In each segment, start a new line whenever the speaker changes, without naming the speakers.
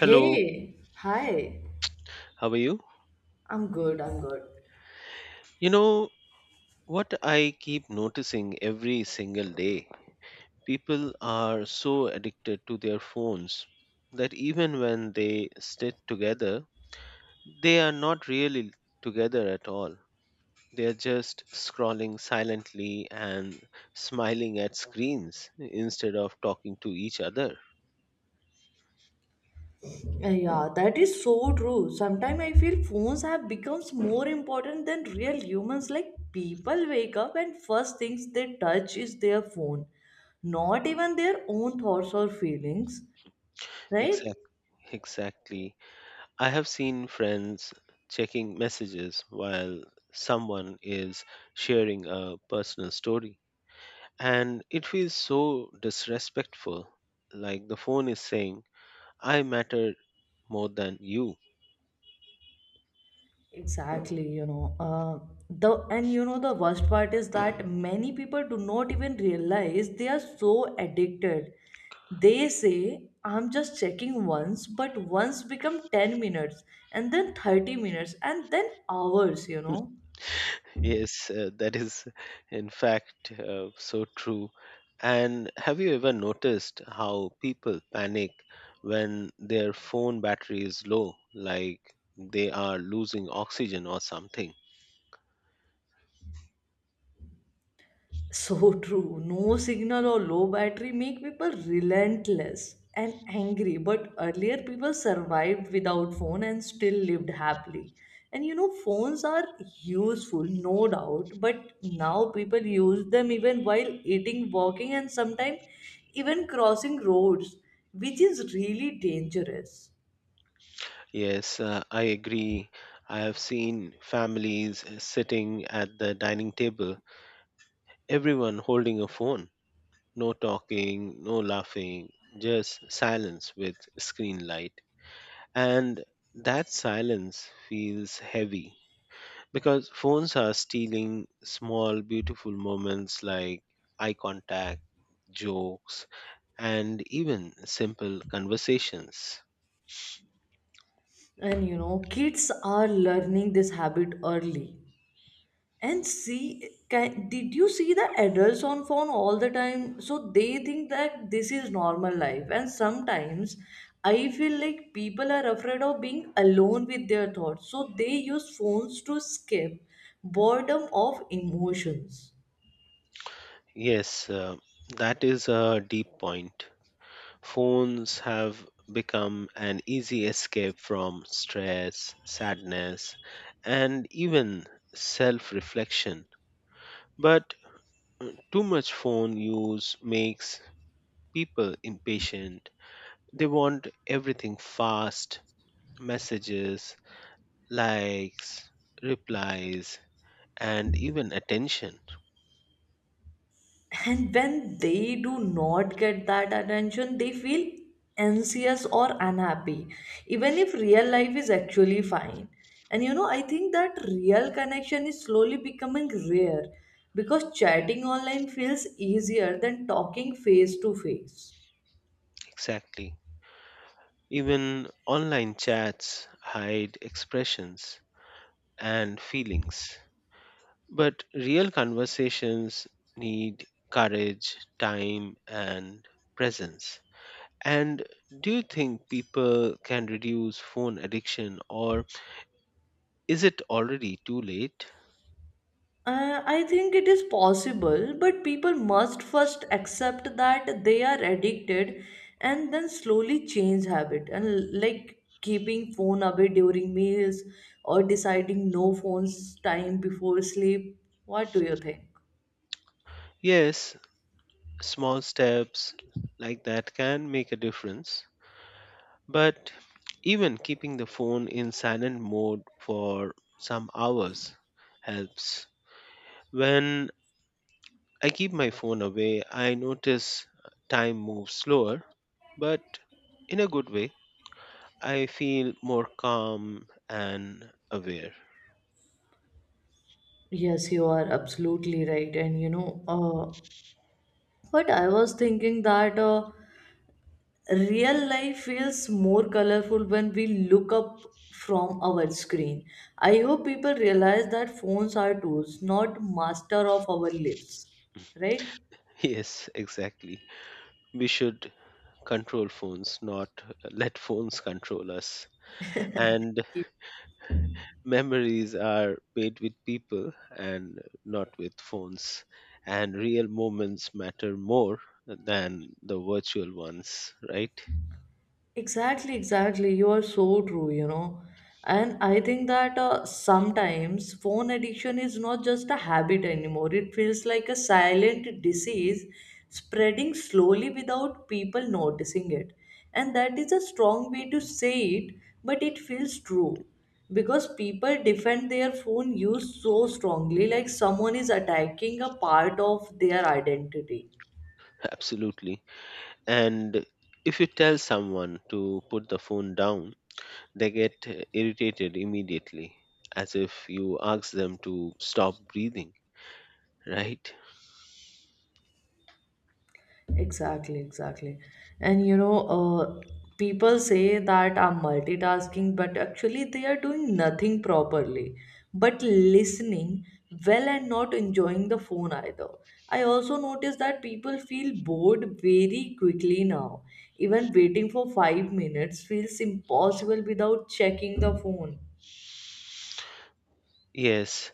Hello,
hi.
how are you?
I'm good, I'm good.
You know what I keep noticing every single day? People are so addicted to their phones that even when they sit together, they are not really together at all. They are just scrolling silently and smiling at screens instead of talking to each other.
Yeah, that is so true. Sometimes I feel phones have becomes more important than real humans. Like people wake up and first things they touch is their phone, not even their own thoughts or feelings, right?
Exactly. Exactly. I have seen friends checking messages while someone is sharing a personal story, and it feels so disrespectful. Like the phone is saying, I matter more than you.
Exactly, you know. The and you know the worst part is that many people do not even realize they are so addicted. They say I'm just checking once, but once become 10 minutes and then 30 minutes and then hours.
Yes, that is in fact, so true. And have you ever noticed how people panic when their phone battery is low, like they are losing oxygen or something?
So true. No signal or low battery make people relentless and angry. But earlier, people survived without phone and still lived happily. And you know, phones are useful, no doubt. But now people use them even while eating, walking, and sometimes even crossing roads, which is really dangerous.
Yes, I agree. I have seen families sitting at the dining table, everyone holding a phone, no talking, no laughing, just silence with screen light. And that silence feels heavy because phones are stealing small, beautiful moments like eye contact, jokes, and even simple conversations.
And you know, kids are learning this habit early. And see, can, did you see the adults on phone all the time? So they think that this is normal life. And sometimes I feel like people are afraid of being alone with their thoughts. So they use phones to escape boredom of emotions.
Yes, that is a deep point. Phones have become an easy escape from stress, sadness, and even self reflection. But too much phone use makes people impatient. They want everything fast messages, likes, replies, and even attention.
And when they do not get that attention, they feel anxious or unhappy, even if real life is actually fine. And you know, I think that real connection is slowly becoming rare because chatting online feels easier than talking face to face.
Exactly. Even online chats hide expressions and feelings. But real conversations need courage, time, and presence. And do you think people can reduce phone addiction, or is it already too late?
I think it is possible, but people must first accept that they are addicted and then slowly change habit and like keeping phone away during meals or deciding no phones time before sleep. What do you think?
Yes, small steps like that can make a difference, but even keeping the phone in silent mode for some hours helps. When I keep my phone away, I notice time moves slower, but in a good way. I feel more calm and aware.
Yes, you are absolutely right. But I was thinking that real life feels more colorful when we look up from our screen. I hope people realize that phones are tools, not master of our lives. Right?
Yes, exactly. We should control phones, not let phones control us. And memories are made with people and not with phones. And real moments matter more than the virtual ones, right?
Exactly, exactly. You are so true, you know. And I think that sometimes phone addiction is not just a habit anymore. It feels like a silent disease spreading slowly without people noticing it. And that is a strong way to say it, but it feels true because people defend their phone use so strongly, like someone is attacking a part of their identity.
Absolutely. And if you tell someone to put the phone down, they get irritated immediately, as if you ask them to stop breathing, right?
Exactly, exactly. And you know, uh, People say that I'm multitasking, but actually they are doing nothing properly, but listening well and not enjoying the phone either. I also notice that people feel bored very quickly now. Even waiting for 5 minutes feels impossible without checking the phone.
Yes,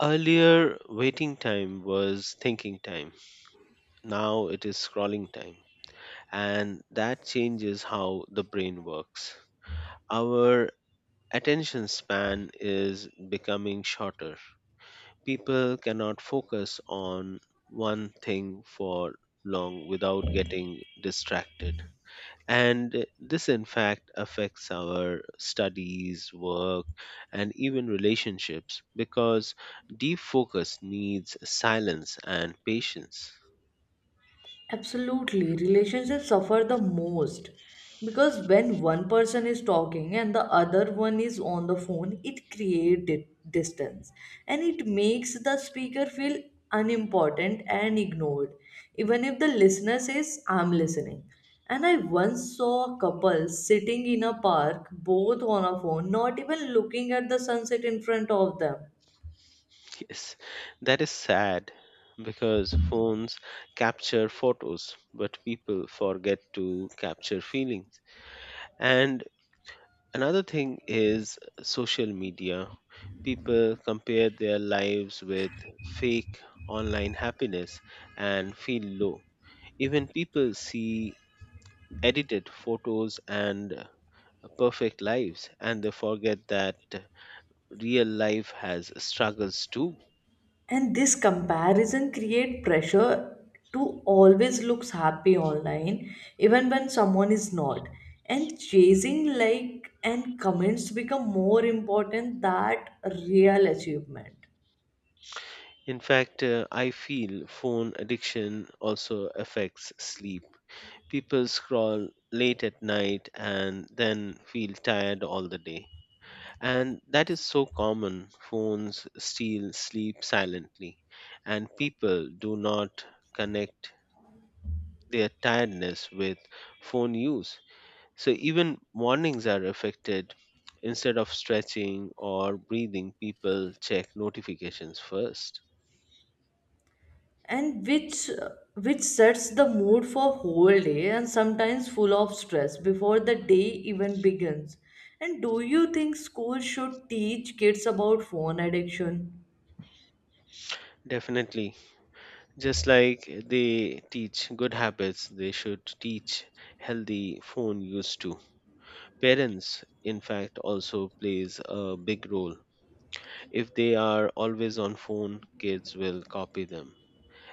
earlier waiting time was thinking time, now it is scrolling time, and that changes how the brain works. Our attention span is becoming shorter. People cannot focus on one thing for long without getting distracted. And this, in fact, affects our studies, work, and even relationships because deep focus needs silence and patience.
Absolutely. Relationships suffer the most because when one person is talking and the other one is on the phone, it creates distance and it makes the speaker feel unimportant and ignored, even if the listener says, I'm listening. And I once saw a couple sitting in a park, both on a phone, not even looking at the sunset in front of them.
Yes, that is sad because phones capture photos, but people forget to capture feelings. And another thing is social media. People compare their lives with fake online happiness and feel low. Even people see edited photos and perfect lives and they forget that real life has struggles too.
And this comparison create pressure to always looks happy online even when someone is not, and chasing like and comments become more important than real achievement.
In fact, I feel phone addiction also affects sleep. People scroll late at night and then feel tired all the day. And that is so common. Phones steal sleep silently, and people do not connect their tiredness with phone use. So even mornings are affected. Instead of stretching or breathing, people check notifications first.
And which sets the mood for whole day and sometimes full of stress before the day even begins. And do you think school should teach kids about phone addiction?
Definitely. Just like they teach good habits, they should teach healthy phone use too. Parents, in fact, also plays a big role. If they are always on phone, kids will copy them.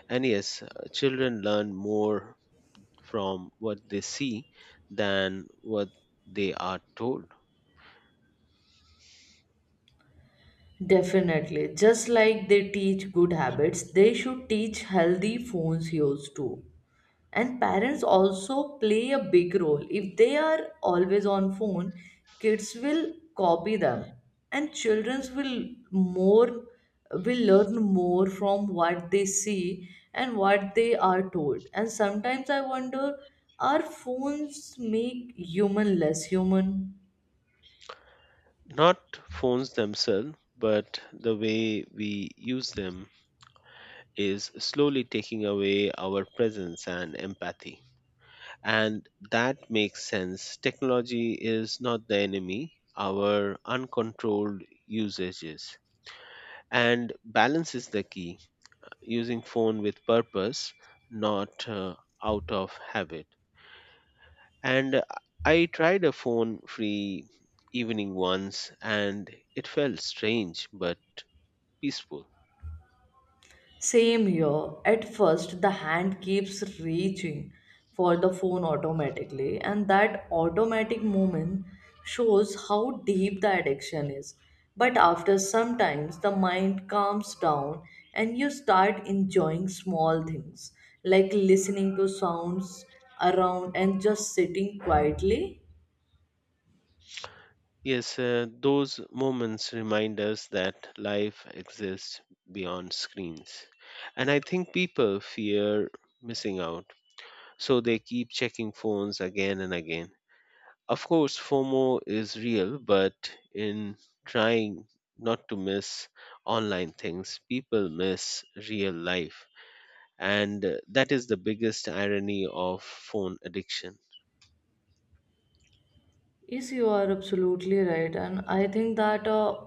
And yes, children learn more from what they see than what they are told.
Definitely. Just like they teach good habits, they should teach healthy phone use too. And parents also play a big role. If they are always on phone, kids will copy them. And children will learn more from what they see and what they are told. And sometimes I wonder, are phones make human less human?
Not phones themselves, but the way we use them is slowly taking away our presence and empathy. And that makes sense. Technology is not the enemy, our uncontrolled usage is. And balance is the key, using phone with purpose, not out of habit, and I tried a phone free evening once and it felt strange but peaceful.
Same here. At first, the hand keeps reaching for the phone automatically, and that automatic movement shows how deep the addiction is. But after some times, the mind calms down and you start enjoying small things like listening to sounds around and just sitting quietly.
Yes, those moments remind us that life exists beyond screens. And I think people fear missing out, so they keep checking phones again and again. Of course, FOMO is real, but in trying not to miss online things, people miss real life. And that is the biggest irony of phone addiction.
Yes, you are absolutely right. And I think that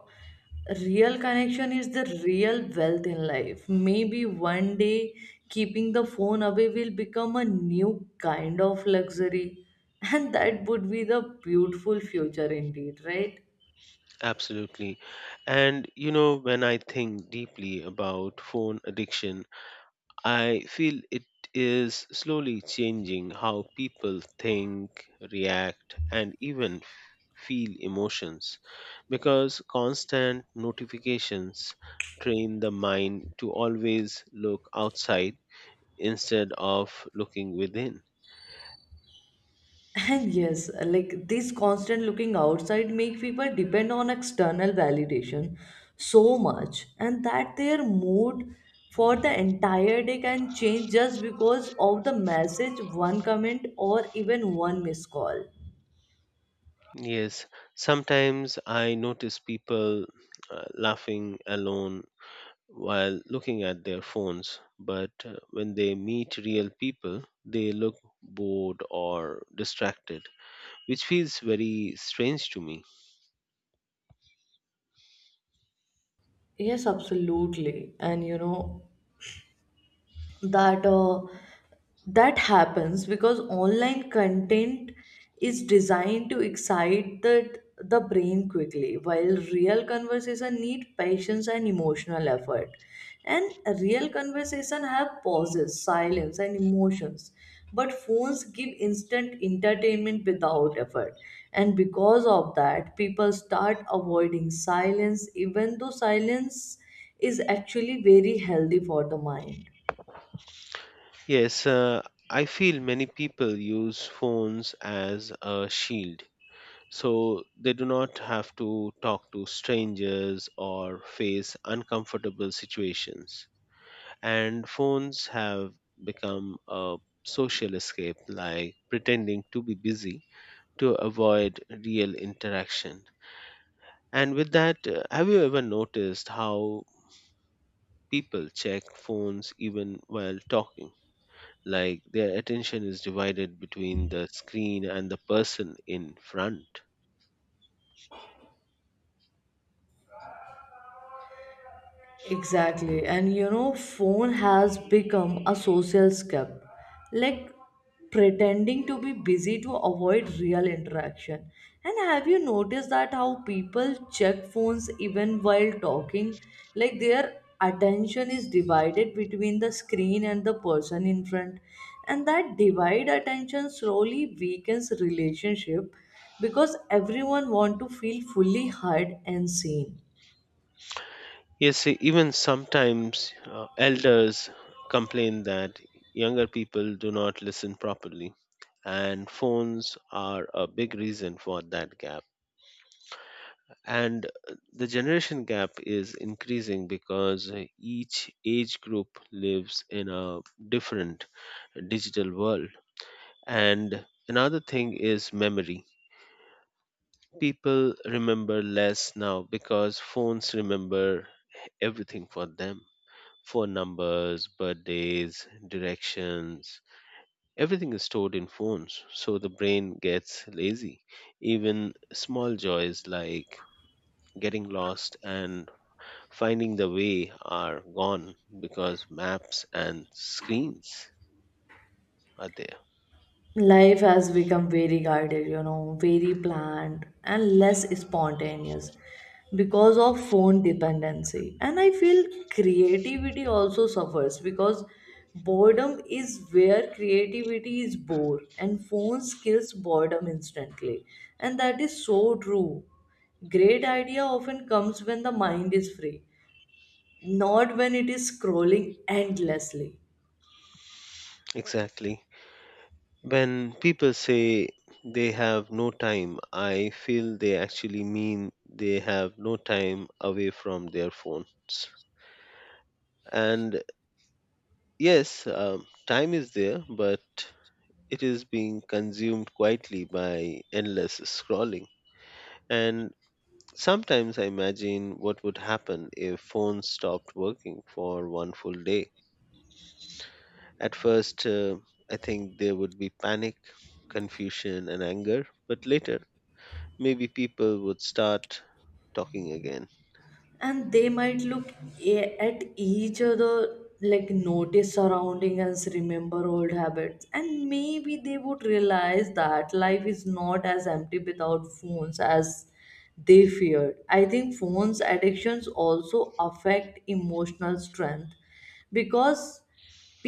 real connection is the real wealth in life. Maybe one day keeping the phone away will become a new kind of luxury. And that would be the beautiful future indeed, right?
Absolutely. And you know, when I think deeply about phone addiction, I feel it is slowly changing how people think, react, and even feel emotions because constant notifications train the mind to always look outside instead of looking within.
And yes, like this constant looking outside make people depend on external validation so much and that their mood for the entire day can change just because of the message, one comment or even one missed call.
Yes, sometimes I notice people laughing alone while looking at their phones, but when they meet real people, they look bored or distracted, which feels very strange to me.
Yes, absolutely. And you know that that happens because online content is designed to excite the brain quickly while real conversation need patience and emotional effort, and real conversation have pauses silence and emotions, but phones give instant entertainment without effort. And because of that people start avoiding silence even though silence is actually very healthy for the mind.
Yes, I feel many people use phones as a shield, so they do not have to talk to strangers or face uncomfortable situations. And phones have become a social escape, like pretending to be busy to avoid real interaction. And with that, have you ever noticed how people check phones even while talking, like their attention is divided between the screen and the person in front?
Exactly. And you know, phone has become a social scape. Like pretending to be busy to avoid real interaction. And have you noticed that how people check phones even while talking? Like their attention is divided between the screen and the person in front. And that divide attention slowly weakens relationship because everyone want to feel fully heard and seen.
Yes, even sometimes elders complain that younger people do not listen properly, and phones are a big reason for that gap. And the generation gap is increasing because each age group lives in a different digital world. And another thing is memory. People remember less now because phones remember everything for them. Phone numbers, birthdays, directions, everything is stored in phones. So the brain gets lazy. Even small joys like getting lost and finding the way are gone because maps and screens are there.
Life has become very guided, you know, very planned and less spontaneous because of phone dependency. And I feel creativity also suffers because boredom is where creativity is born and phones kills boredom instantly. And that is so true. Great idea often comes when the mind is free, not when it is scrolling endlessly.
Exactly. When people say they have no time, I feel they actually mean they have no time away from their phones. And yes, time is there, but it is being consumed quietly by endless scrolling. And sometimes I imagine what would happen if phones stopped working for one full day. At first, I think there would be panic, confusion, and anger, but later, maybe people would start talking again.
And they might look at each other, like notice surrounding us, remember old habits, and maybe they would realize that life is not as empty without phones as they feared. I think phones addictions also affect emotional strength because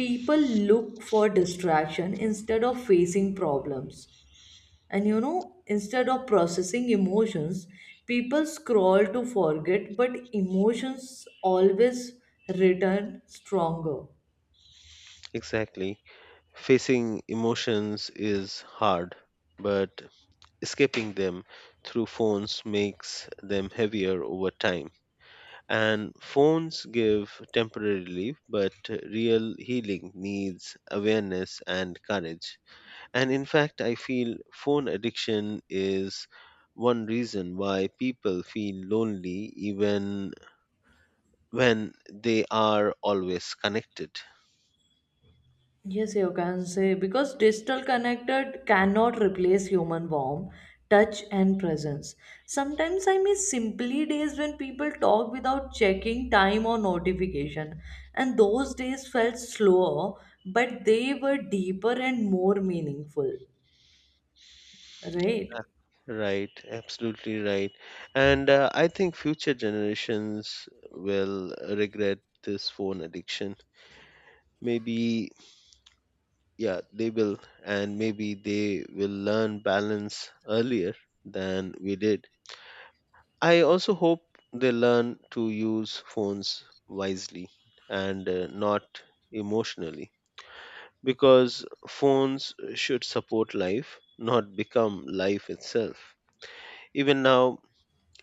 people look for distraction instead of facing problems. And you know, instead of processing emotions, people scroll to forget, but emotions always return stronger.
Exactly. Facing emotions is hard, but escaping them through phones makes them heavier over time. And phones give temporary relief, but real healing needs awareness and courage. And in fact, I feel phone addiction is one reason why people feel lonely even when they are always connected.
Yes, you can say because digital connected cannot replace human warmth, touch, and presence. Sometimes I miss simply days when people talk without checking time or notification, and those days felt slower, but they were deeper and more meaningful, right?
Right, absolutely right. And I think future generations will regret this phone addiction. Maybe, yeah, they will. And maybe they will learn balance earlier than we did. I also hope they learn to use phones wisely and not emotionally because phones should support life, not become life itself. Even now,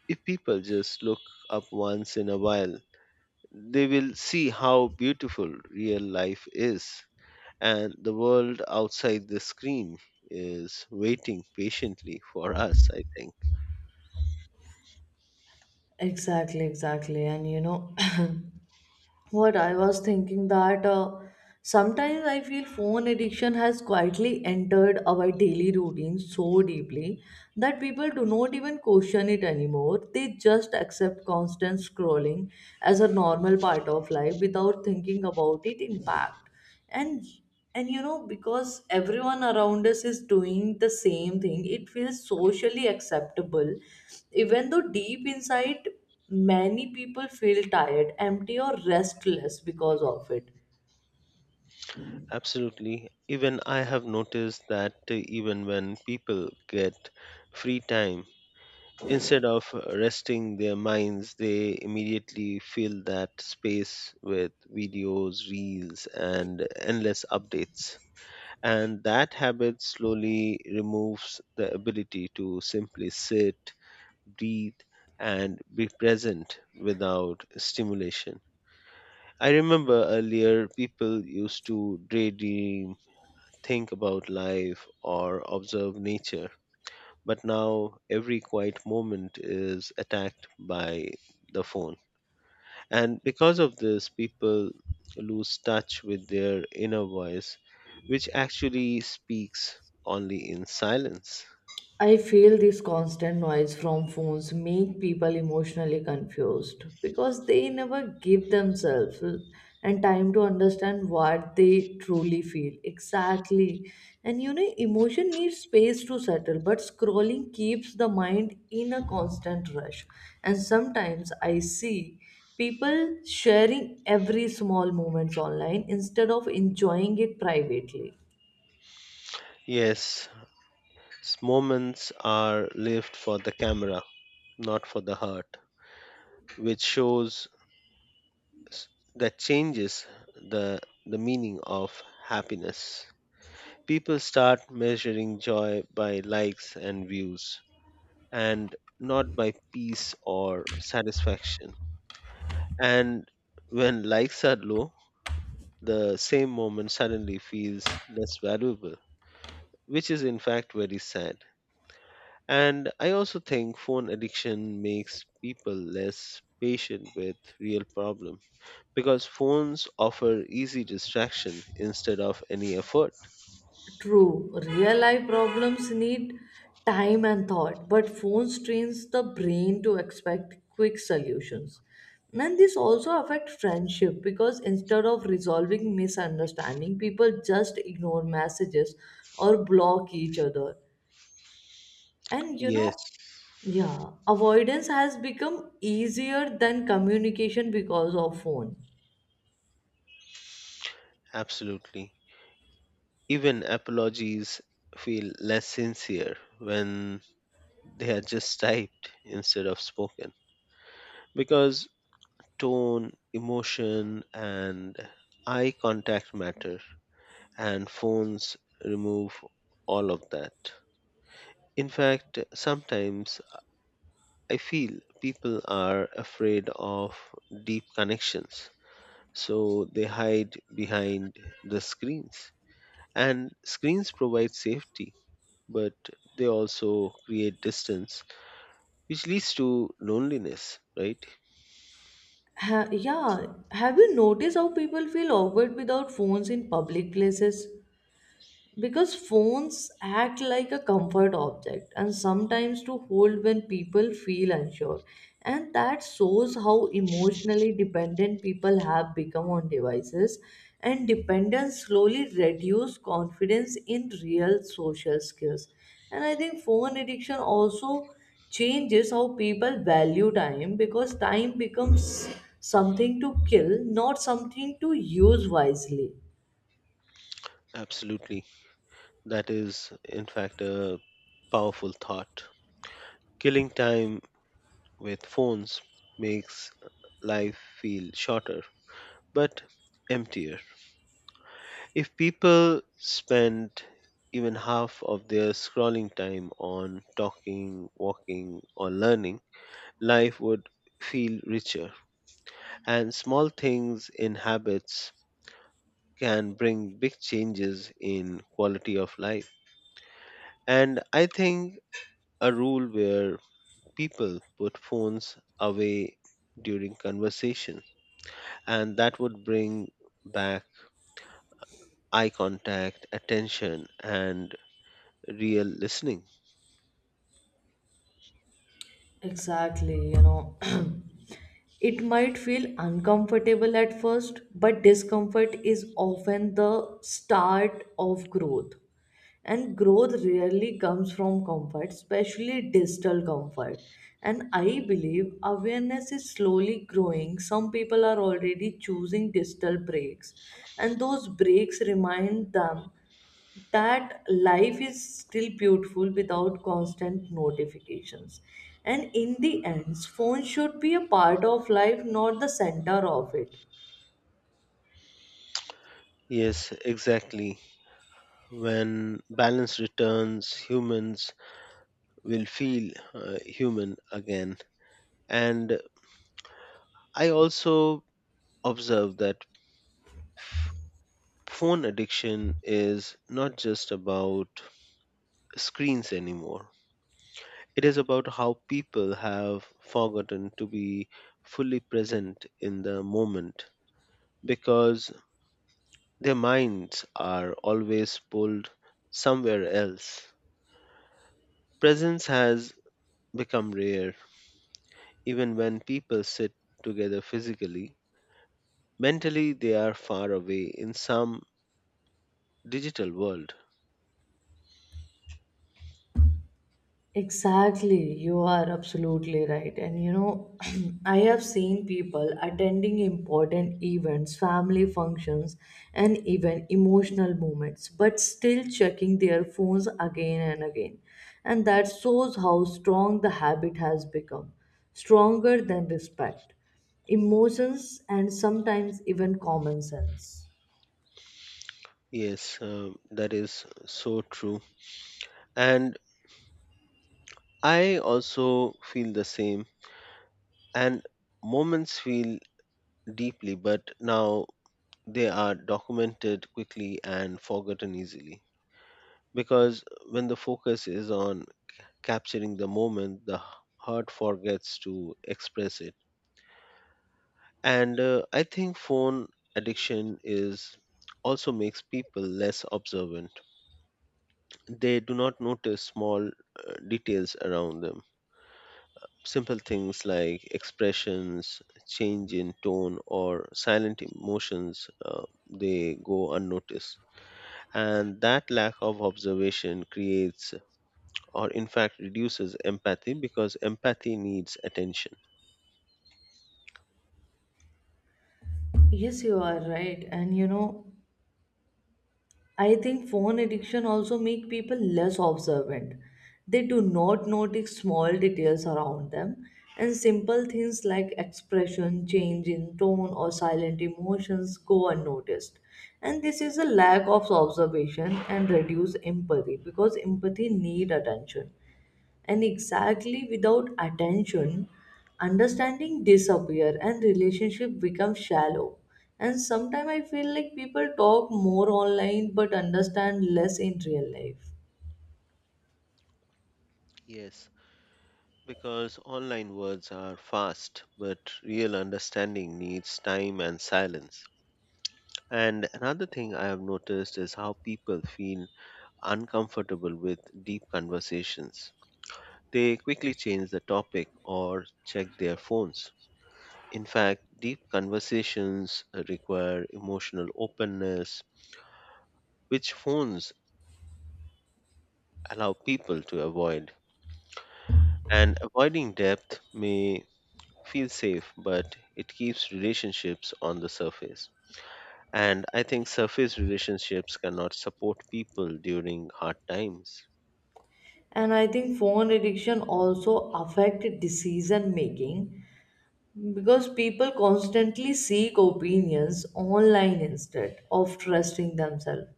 if people just look up once in a while, they will see how beautiful real life is, and the world outside the screen is waiting patiently for us, I think.
Exactly, exactly. And you know what I was thinking that sometimes I feel phone addiction has quietly entered our daily routine so deeply that people do not even question it anymore. They just accept constant scrolling as a normal part of life without thinking about its impact. And and you know, because everyone around us is doing the same thing it feels socially acceptable, even though deep inside many people feel tired empty or restless because of it.
Absolutely. Even I have noticed that even when people get free time, instead of resting their minds, they immediately fill that space with videos, reels, and endless updates. And that habit slowly removes the ability to simply sit, breathe, and be present without stimulation. I remember earlier people used to daydream, think about life, or observe nature. But now every quiet moment is attacked by the phone. And because of this, people lose touch with their inner voice, which actually speaks only in silence.
I feel this constant noise from phones make people emotionally confused because they never give themselves and time to understand what they truly feel exactly. And you know, emotion needs space to settle, but scrolling keeps the mind in a constant rush. And sometimes I see people sharing every small moments online instead of enjoying it privately.
Yes, moments are lived for the camera, not for the heart, which shows s- that changes the, the meaning of happiness. People start measuring joy by likes and views, and not by peace or satisfaction. And when likes are low, the same moment suddenly feels less valuable, which is in fact very sad. And I also think phone addiction makes people less patient with real problem because phones offer easy distraction instead of any effort.
True, real life problems need time and thought, but phones trains the brain to expect quick solutions. And this also affects friendship because instead of resolving misunderstanding, people just ignore messages or block each other. And you
Yes,
know, yeah, avoidance has become easier than communication because of phone.
absolutely. Even apologies feel less sincere when they are just typed instead of spoken because tone, emotion and eye contact matter, and phones remove all of that. In fact, sometimes I feel people are afraid of deep connections, so they hide behind the screens. And screens provide safety, but they also create distance, which leads to loneliness, right?
Yeah, have you noticed how people feel awkward without phones in public places? Because phones act like a comfort object and sometimes to hold when people feel unsure, and that shows how emotionally dependent people have become on devices. And dependence slowly reduce confidence in real social skills. And I think phone addiction also changes how people value time because time becomes something to kill, not something to use wisely.
Absolutely. That is, in fact, a powerful thought. Killing time with phones makes life feel shorter but emptier. If people spend even half of their scrolling time on talking, walking, or learning, life would feel richer. And small things in habits can bring big changes in quality of life. And I think a rule where people put phones away during conversation, and that would bring back eye contact, attention, and real listening.
Exactly, you know. It might feel uncomfortable at first, but discomfort is often the start of growth. And growth rarely comes from comfort, especially digital comfort. And I believe awareness is slowly growing. Some people are already choosing digital breaks, and those breaks remind them that life is still beautiful without constant notifications. And in the end phone should be a part of life, not the center of it.
Yes, exactly. When balance returns, humans will feel human again. And I also observe that phone addiction is not just about screens anymore. It is about how people have forgotten to be fully present in the moment because their minds are always pulled somewhere else. Presence has become rare. Even when people sit together physically, mentally they are far away in some digital world.
Exactly, you are absolutely right. And you know, I have seen people attending important events, family functions, and even emotional moments, but still checking their phones again and again. And that shows how strong the habit has become, stronger than respect, emotions, and sometimes even common sense.
Yes, that is so true. And I also feel the same. And moments feel deeply, but now they are documented quickly and forgotten easily. Because when the focus is on capturing the moment, the heart forgets to express it. And I think phone addiction is also makes people less observant. They do not notice small details around them. Simple things like expressions, change in tone, or silent emotions, they go unnoticed. And that lack of observation creates, or in fact, reduces empathy because empathy needs attention.
Yes, you are right. And you know, I think phone addiction also make people less observant. They do not notice small details around them and simple things like expression, change in tone or silent emotions go unnoticed. And this is a lack of observation and reduce empathy because empathy need attention. And exactly, without attention understanding disappear and relationship become shallow. And sometimes I feel like people talk more online but understand less in real life.
Yes. Because online words are fast, but real understanding needs time and silence. And another thing I have noticed is how people feel uncomfortable with deep conversations. They quickly change the topic or check their phones. In fact, deep conversations require emotional openness, which phones allow people to avoid. And avoiding depth may feel safe, but it keeps relationships on the surface. And I think surface relationships cannot support people during hard times.
And I think phone addiction also affect decision making. Because people constantly seek opinions online instead of trusting themselves.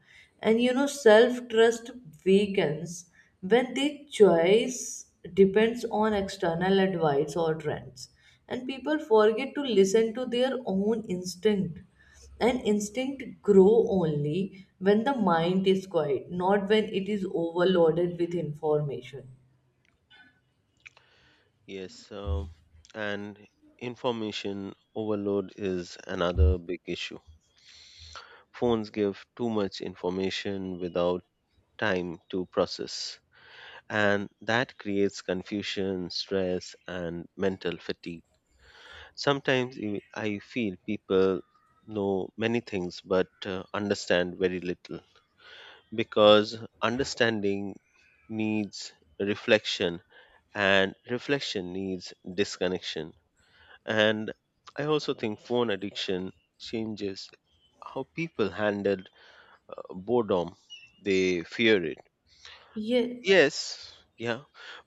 And you know, self trust weakens when the choice depends on external advice or trends. And people forget to listen to their own instinct. And instinct grow only when the mind is quiet, not when it is overloaded with information.
Yes, and information overload is another big issue. Phones give too much information without time to process, and that creates confusion, stress, and mental fatigue. Sometimes I feel people know many things but understand very little because understanding needs reflection and reflection needs disconnection. And I also think phone addiction changes how people handle boredom. They fear it.
Yeah.
Yes, yeah.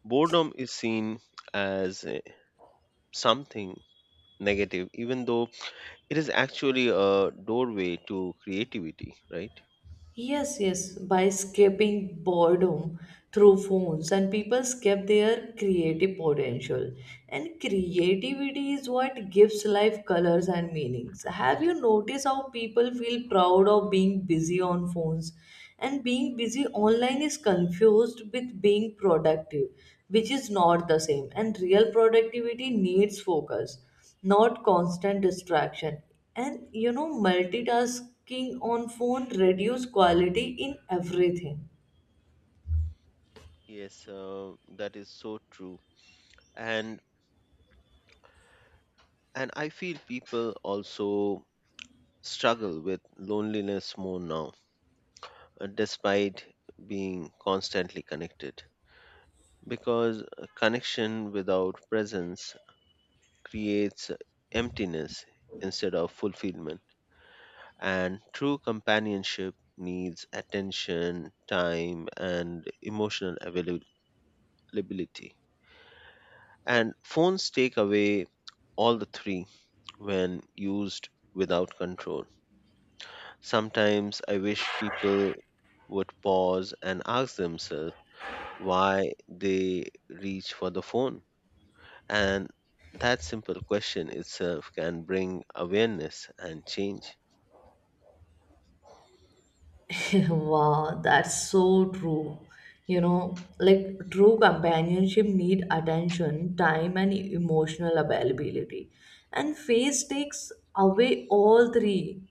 Boredom is seen as something negative, even though it is actually a doorway to creativity, right?
Yes, yes, by escaping boredom through phones, and people escape their creative potential. And creativity is what gives life colors and meanings. Have you noticed how people feel proud of being busy on phones? And being busy online is confused with being productive, which is not the same. And real productivity needs focus, not constant distraction. And you know multitasking on phone reduce quality in everything.
Yes, that is so true. And and I feel people also struggle with loneliness more now, despite being constantly connected. Because connection without presence creates emptiness instead of fulfillment. And true companionship needs attention, time, and emotional availability. And phones take away all the three when used without control. Sometimes I wish people would pause and ask themselves why they reach for the phone. And that simple question itself can bring awareness and change.
Wow, that's so true, you know. Like true companionship need attention time and emotional availability. And face takes away all three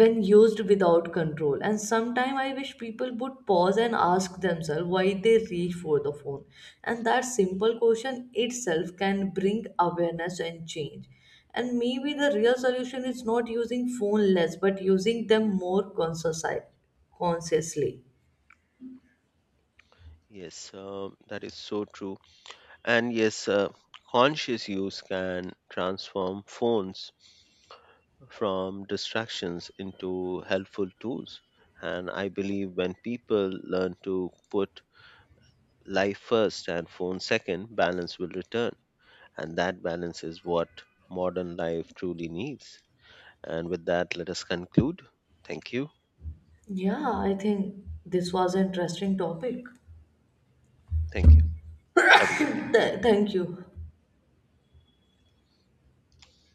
when used without control. And sometimes I wish people would pause and ask themselves why they reach for the phone. And that simple question itself can bring awareness and change. And maybe the real solution is not using phone less but using them more consciously.
Yes, that is so true. And yes, conscious use can transform phones from distractions into helpful tools. And I believe when people learn to put life first and phone second, balance will return. And that balance is what modern life truly needs. And with that, let us conclude. Thank you.
Yeah, I think this was an interesting topic.
Thank you. Have a great day.
Thank you.